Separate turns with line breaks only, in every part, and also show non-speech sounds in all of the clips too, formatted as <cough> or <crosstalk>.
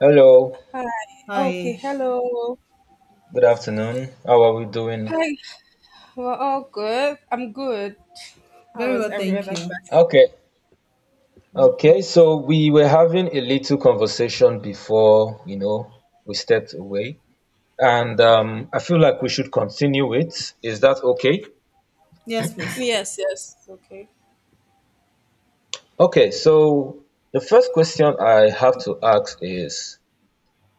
Hello,
Hi. Okay.
Hi.
Hello.
good afternoon. How are we doing?
Hi. We're all good. I'm good. How
Very
is
well,
every
thank
other person?
you.
Okay, okay. So we were having a little conversation before, you know, we stepped away, and I feel like we should continue it. Is that okay?
Yes, please.
Yes. Yes. Okay.
Okay. So the first question I have to ask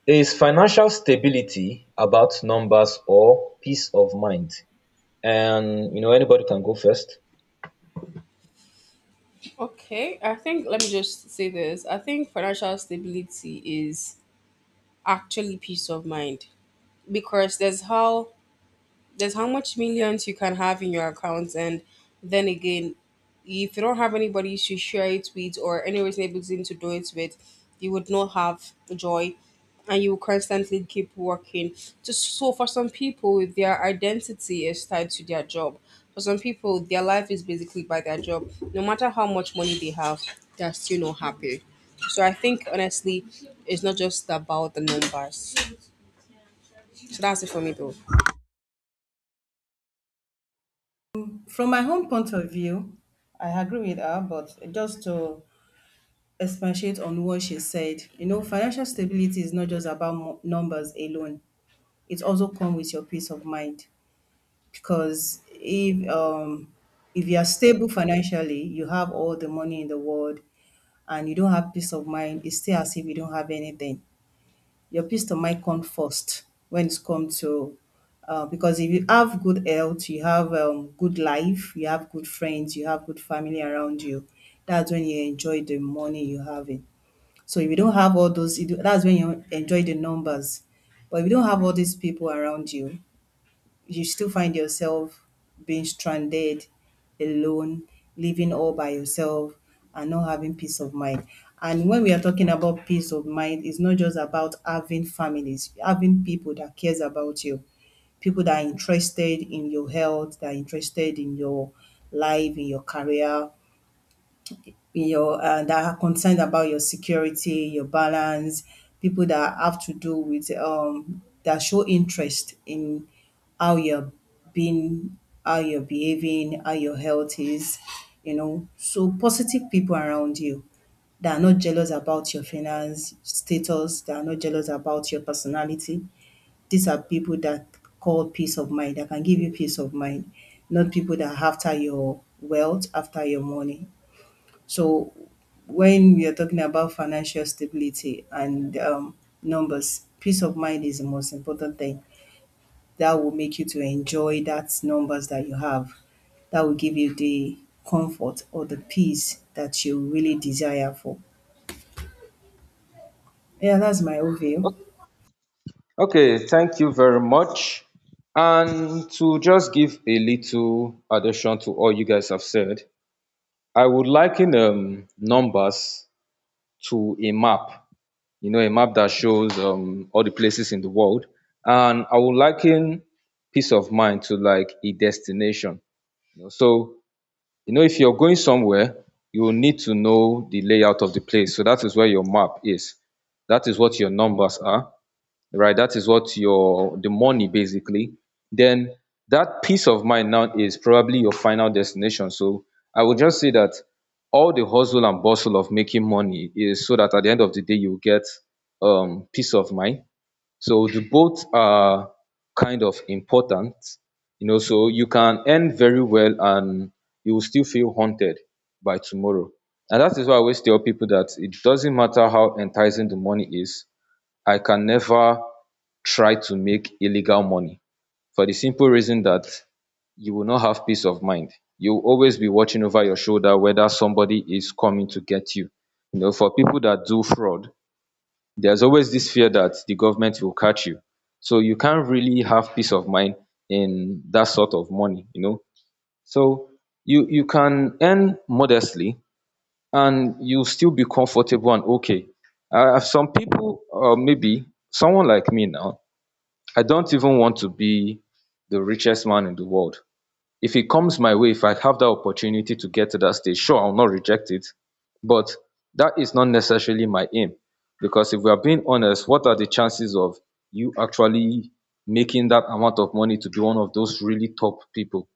is financial stability about numbers or peace of mind? And you know, anybody can go first.
Okay. I think let me just say this. I think financial stability is actually peace of mind because there's how much millions you can have in your account, and then again, if you don't have anybody to share it with or any reason to do it with, you would not have joy, and you will constantly keep working just so. For some people, their identity is tied to their job. For some people, their life is basically by their job. No matter how much money they have, they're still not happy. So I think, honestly, it's not just about the numbers. So that's it for me, though.
From my own point of view, I agree with her, but just to expatiate on what she said, you know, financial stability is not just about numbers alone. It also comes with your peace of mind because if you are stable financially, you have all the money in the world, and you don't have peace of mind, it's still as if you don't have anything. Your peace of mind come first when it comes to because if you have good health, you have good life, you have good friends, you have good family around you. That's when you enjoy the money you have it. So if you don't have all those, that's when you enjoy the numbers. But if you don't have all these people around you, you still find yourself being stranded, alone, living all by yourself, and not having peace of mind. And when we are talking about peace of mind, it's not just about having families, having people that cares about you, people that are interested in your health, that are interested in your life, in your career, your that are concerned about your security, your balance, people that have to do with that show interest in how you're being, how you're behaving, how your health is, you know. So positive people around you that are not jealous about your finance status, that are not jealous about your personality. These are people that call peace of mind, that can give you peace of mind, not people that are after your wealth, after your money. So when we are talking about financial stability and numbers, peace of mind is the most important thing. That will make you to enjoy that numbers that you have. That will give you the comfort or the peace that you really desire for. Yeah, that's my own view.
Okay, thank you very much. And to just give a little addition to all you guys have said, I would liken numbers to a map, you know, a map that shows all the places in the world. And I would liken peace of mind to like a destination. You know. So, you know, if you're going somewhere, you will need to know the layout of the place. So that is where your map is. That is what your numbers are, right? That is what your the money basically. Then that peace of mind now is probably your final destination. So I would just say that all the hustle and bustle of making money is so that at the end of the day you get peace of mind. So the both are kind of important, you know, so you can earn very well and you will still feel haunted by tomorrow. And that is why I always tell people that it doesn't matter how enticing the money is, I can never try to make illegal money for the simple reason that you will not have peace of mind. You will always be watching over your shoulder whether somebody is coming to get you. You know, for people that do fraud, there's always this fear that the government will catch you. So you can't really have peace of mind in that sort of money, you know. So you can earn modestly and you still be comfortable and okay. Some people, or maybe someone like me now, I don't even want to be the richest man in the world. If it comes my way, if I have that opportunity to get to that stage, sure, I'll not reject it. But that is not necessarily my aim. Because if we are being honest, what are the chances of you actually making that amount of money to be one of those really top people?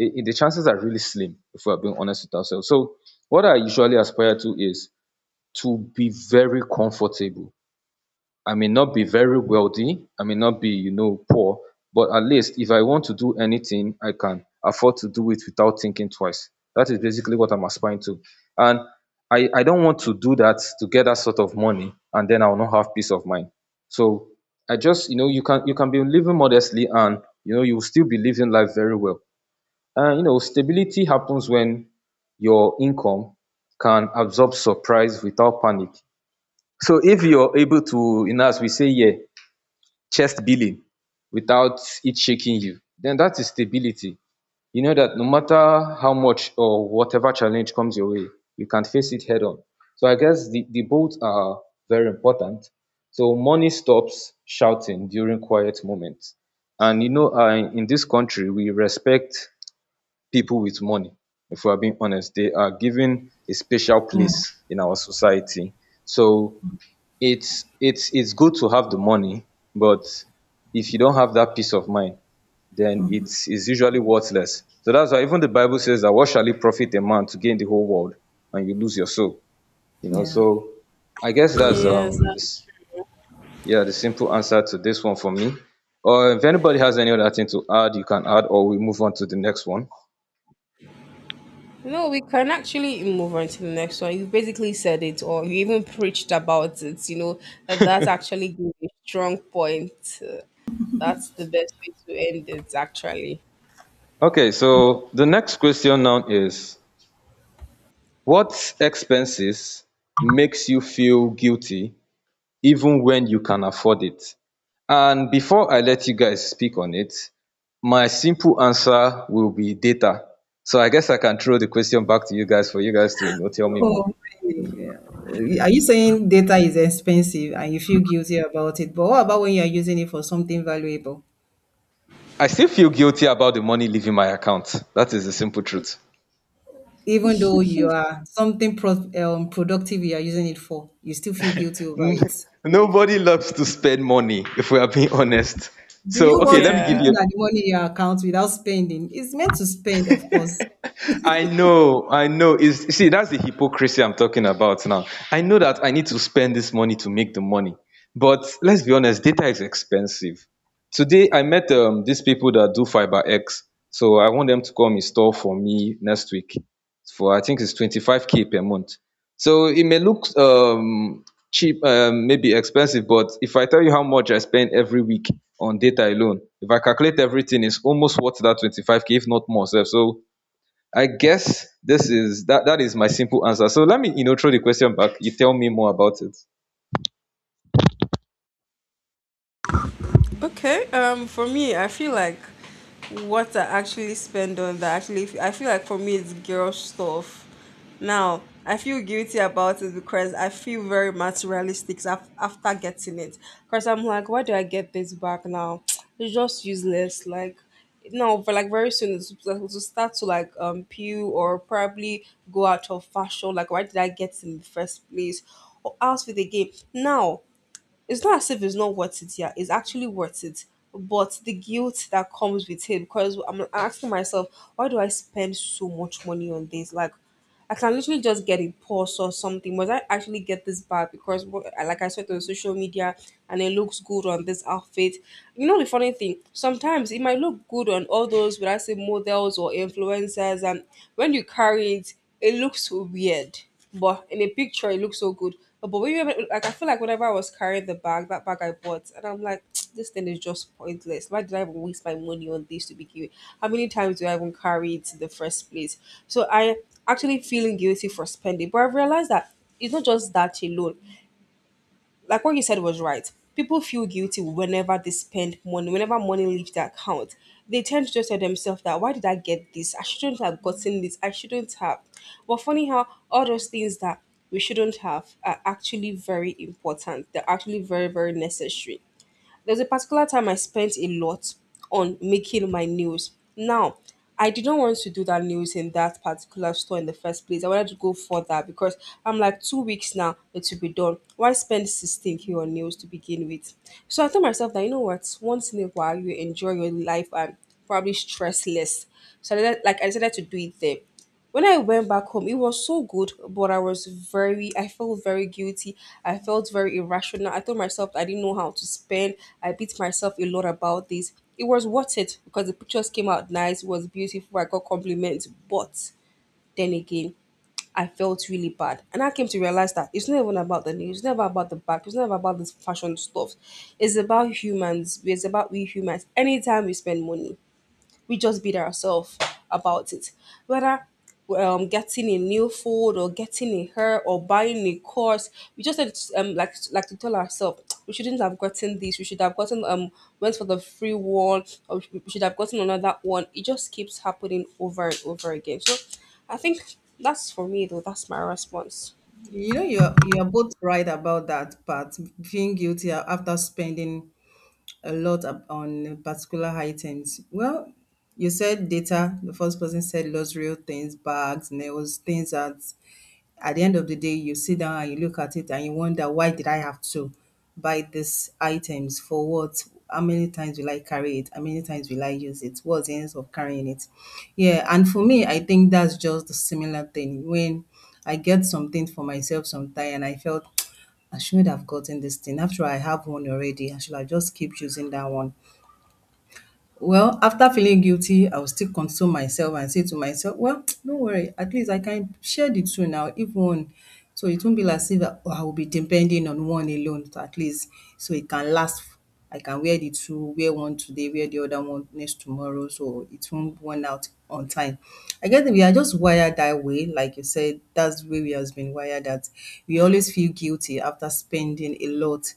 The chances are really slim if we are being honest with ourselves. So, what I usually aspire to is to be very comfortable. I may not be very wealthy, I may not be, you know, poor, but at least if I want to do anything, I can afford to do it without thinking twice. That is basically what I'm aspiring to. And I don't want to do that to get that sort of money and then I will not have peace of mind. So I just, you know, you can be living modestly and you know you will still be living life very well. And you know, stability happens when your income can absorb surprise without panic. So if you're able to, you know, as we say here, chest billing without it shaking you, then that is stability. You know that no matter how much or whatever challenge comes your way, you can face it head on. So I guess the both are very important. So money stops shouting during quiet moments. And you know, in this country, we respect people with money. If we are being honest, they are given a special place in our society. So it's good to have the money, but if you don't have that peace of mind, then it's usually worthless. So that's why even the Bible says that what shall it profit a man to gain the whole world and you lose your soul, you know.
Yeah.
So I guess that's
Yes,
this Yeah, the simple answer to this one for me, or if anybody has any other thing to add, you can add, or we move on to the next one.
no, we can actually move on to the next one. You basically said it, or you even preached about it. You know, and that actually gave a strong point. Uh, That's the best way to end it, actually.
Okay, so the next question now is: what expenses makes you feel guilty even when you can afford it? And before I let you guys speak on it, my simple answer will be data. So I guess I can throw the question back to you guys for you guys to, you know, tell me more.
Oh, really? Yeah. Are you saying data is expensive and you feel guilty about it? But what about when you are using it for something valuable?
I still feel guilty about the money leaving my account. That is the simple truth.
Even though you are something productive you are using it for, you still feel guilty over it.
<laughs> Nobody loves to spend money if we are being honest.
Do you
So okay,
want to
let me
be
give
Yeah.
looking
you.
at the money in your account without spending? It's meant to spend, of course.
I know, I know. Is see, that's the hypocrisy I'm talking about now. I know that I need to spend this money to make the money, but let's be honest, data is expensive. Today, I met these people that do fiber X, so I want them to come install for me next week. For I think it's 25K per month. So it may look cheap, maybe expensive, but if I tell you how much I spend every week on data alone, if I calculate everything, it's almost worth that 25K, if not more. Sef. So I guess this is that that is my simple answer. So let me, you know, throw the question back. You tell me more about it.
Okay, for me, I feel like what I actually spend on that, actually, I feel like for me, it's girl stuff. Now, I feel guilty about it because I feel very materialistic after getting it. Because I'm like, why do I get this back now? <tsk> It's just useless. Like, no, but like, very soon it'll start to, like, peel or probably go out of fashion. Like, why did I get it in the first place? Or else, with the game now, it's not as if it's not worth it. Yeah, it's actually worth it. But the guilt that comes with it, because I'm asking myself, why do I spend so much money on this? Like, I can literally just get a purse or something. Was I actually get this bag because like I saw it on social media and it looks good on this outfit? You know, the funny thing, sometimes it might look good on all those, would I say, models or influencers, and when you carry it looks so weird, but in a picture, it looks so good. But like, I feel like whenever I was carrying the bag, that bag I bought, and I'm like, <tsk> this thing is just pointless. Why did I even waste my money on this to begin with? How many times do I even carry it in the first place? So I actually feeling guilty for spending. But I've realized that it's not just that alone. Like, what you said was right. People feel guilty whenever they spend money, whenever money leaves their account. They tend to just tell themselves that why did I get this? I shouldn't have gotten this. I shouldn't have. But funny how all those things that we shouldn't have are actually very important. They're actually very, very necessary. There's a particular time I spent a lot on making my nails. Now, I didn't want to do that nails in that particular store in the first place. I wanted to go for that because I'm like, 2 weeks now it will be done. Why spend 16K on nails to begin with? So I told myself that, you know what, once in a while you enjoy your life and probably stress less. So I decided to do it there. When I went back home, it was so good, but I felt very guilty. I felt very irrational. I told myself I didn't know how to spend. I beat myself a lot about this. It was worth it because the pictures came out nice, it was beautiful, I got compliments. But then again, I felt really bad. And I came to realize that it's not even about the news, it's never about the back, it's never about this fashion stuff. It's about humans, it's about we humans. Anytime we spend money, we just beat ourselves about it. Whether getting a new food or getting a hair or buying a course, we just had like to tell ourselves we shouldn't have gotten this. We should have gotten went for the free one, or we should have gotten another one. It just keeps happening over and over again. So I think that's for me, though. That's my response.
You know, you are both right about that, but feeling guilty after spending a lot on particular items. Well, you said data, the first person said luxury things, bags, nails, things that at the end of the day you sit down and you look at it and you wonder, why did I have to buy these items for? What? How many times will I carry it? How many times will I use it? What's the ends of carrying it? Yeah, and for me I think that's just a similar thing when I get something for myself sometime and I felt <tsk> I shouldn't have gotten this thing. After all, I have one already. I should have just keep using that one. Well, after feeling guilty, I will still console myself and say to myself, "Well, <tsk> don't worry, at least I can share the two now, if one." So it won't be as if I will be depending on one alone, so at least so it can last. I can wear the two, wear one today, wear the other one next tomorrow, so it won't run out on time. I guess we are just wired that way, like you said, that's the way we has been wired, that we always feel guilty after spending a lot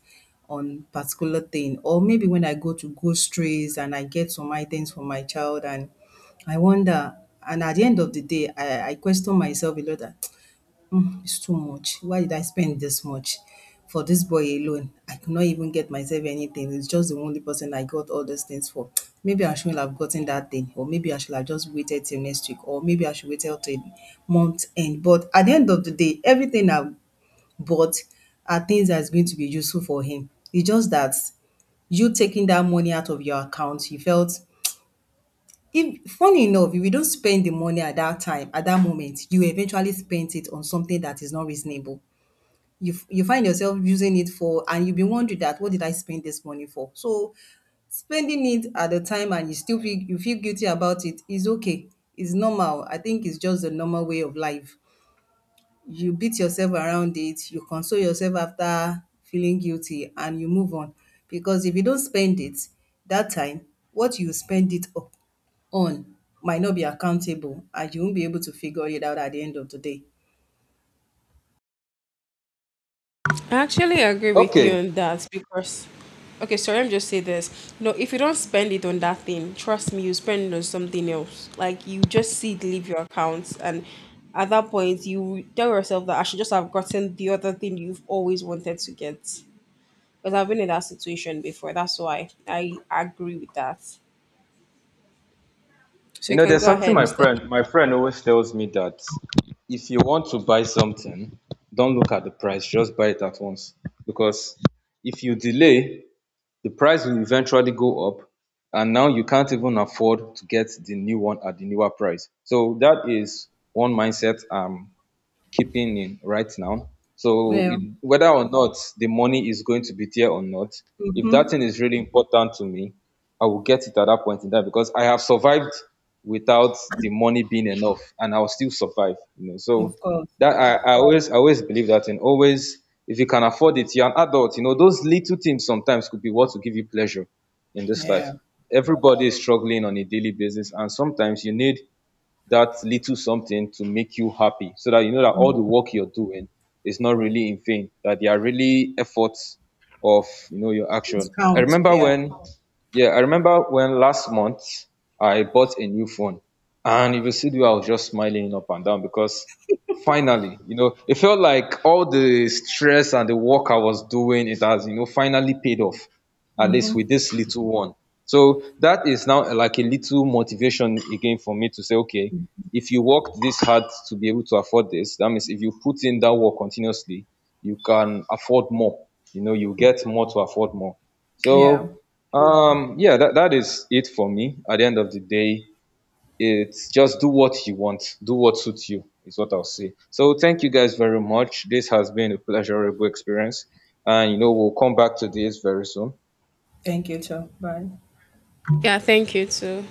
on particular thing, or maybe when I go to groceries and I get some items for my child and I wonder, and at the end of the day I question myself a lot that <tsk> "Hmm, it's too much. Why did I spend this much for this boy alone? I could not even get myself anything. It's just the only person I got all those things for. <tsk> Maybe I shouldn't have gotten that thing, or maybe I should have just waited till next week, or maybe I should wait till month end. But at the end of the day everything I've, but, are things that's going to be useful for him. It's just that you taking that money out of your account, you felt, if funny enough, if you don't spend the money at that time, at that moment, you eventually spent it on something that is not reasonable. You find yourself using it for, and you'll be wondering that what did I spend this money for? So spending it at the time and you still feel, you feel guilty about it, is okay. It's normal. I think it's just the normal way of life. You beat yourself around it, you console yourself after feeling guilty, and you move on. Because if you don't spend it that time, what you spend it up on might not be accountable and you won't be able to figure it out at the end of the day.
I actually agree with you
Okay.
on that because, okay, sorry, I'm just say this. No, if you don't spend it on that thing, trust me, you spend it on something else. Like, you just see it leave your account, and at that point, you tell yourself that I should just have gotten the other thing you've always wanted to get. Because I've been in that situation before. That's why I agree with that. So
You
you
know,
can
there's
go
something
ahead,
my
Mr.
friend
D.
my friend always tells me that if you want to buy something, don't look at the price, just buy it at once. Because if you delay, the price will eventually go up and now you can't even afford to get the new one at the newer price. So that is one mindset keeping in right now. So
Yeah.
it, whether or not the money is going to be there or not, if that
Mm-hmm.
thing is really important to me, I will get it at that point in time because I have survived without the money being enough, and I'll still survive. You know, so
Of course.
that I always believe that. And always if you can afford it, you're an adult. You know, those little things sometimes could be what will give you pleasure in this life.
Yeah.
Everybody is struggling on a daily basis, and sometimes you need that little something to make you happy so that you know that all the work you're doing is not really in vain, that they are really efforts of, you know, your
It
action. I
counts.
remember
Yeah.
when Yeah, I remember when last month I bought a new phone. And if you see the way I was just smiling up and down because finally, you know, it felt like all the stress and the work I was doing, it has, you know, finally paid off at least
Mm-hmm.
with this little one. So that is now like a little motivation again for me to say, okay, if you worked this hard to be able to afford this, that means if you put in that work continuously, you can afford more. You know, you get more to afford more.
Yeah.
So yeah, that is it for me. At the end of the day, it's just do what you want, do what suits you, is what I'll say. So thank you guys very much. This has been a pleasurable experience. And you know, we'll come back to this very soon.
Thank you, too. Bye.
Yeah, thank you too.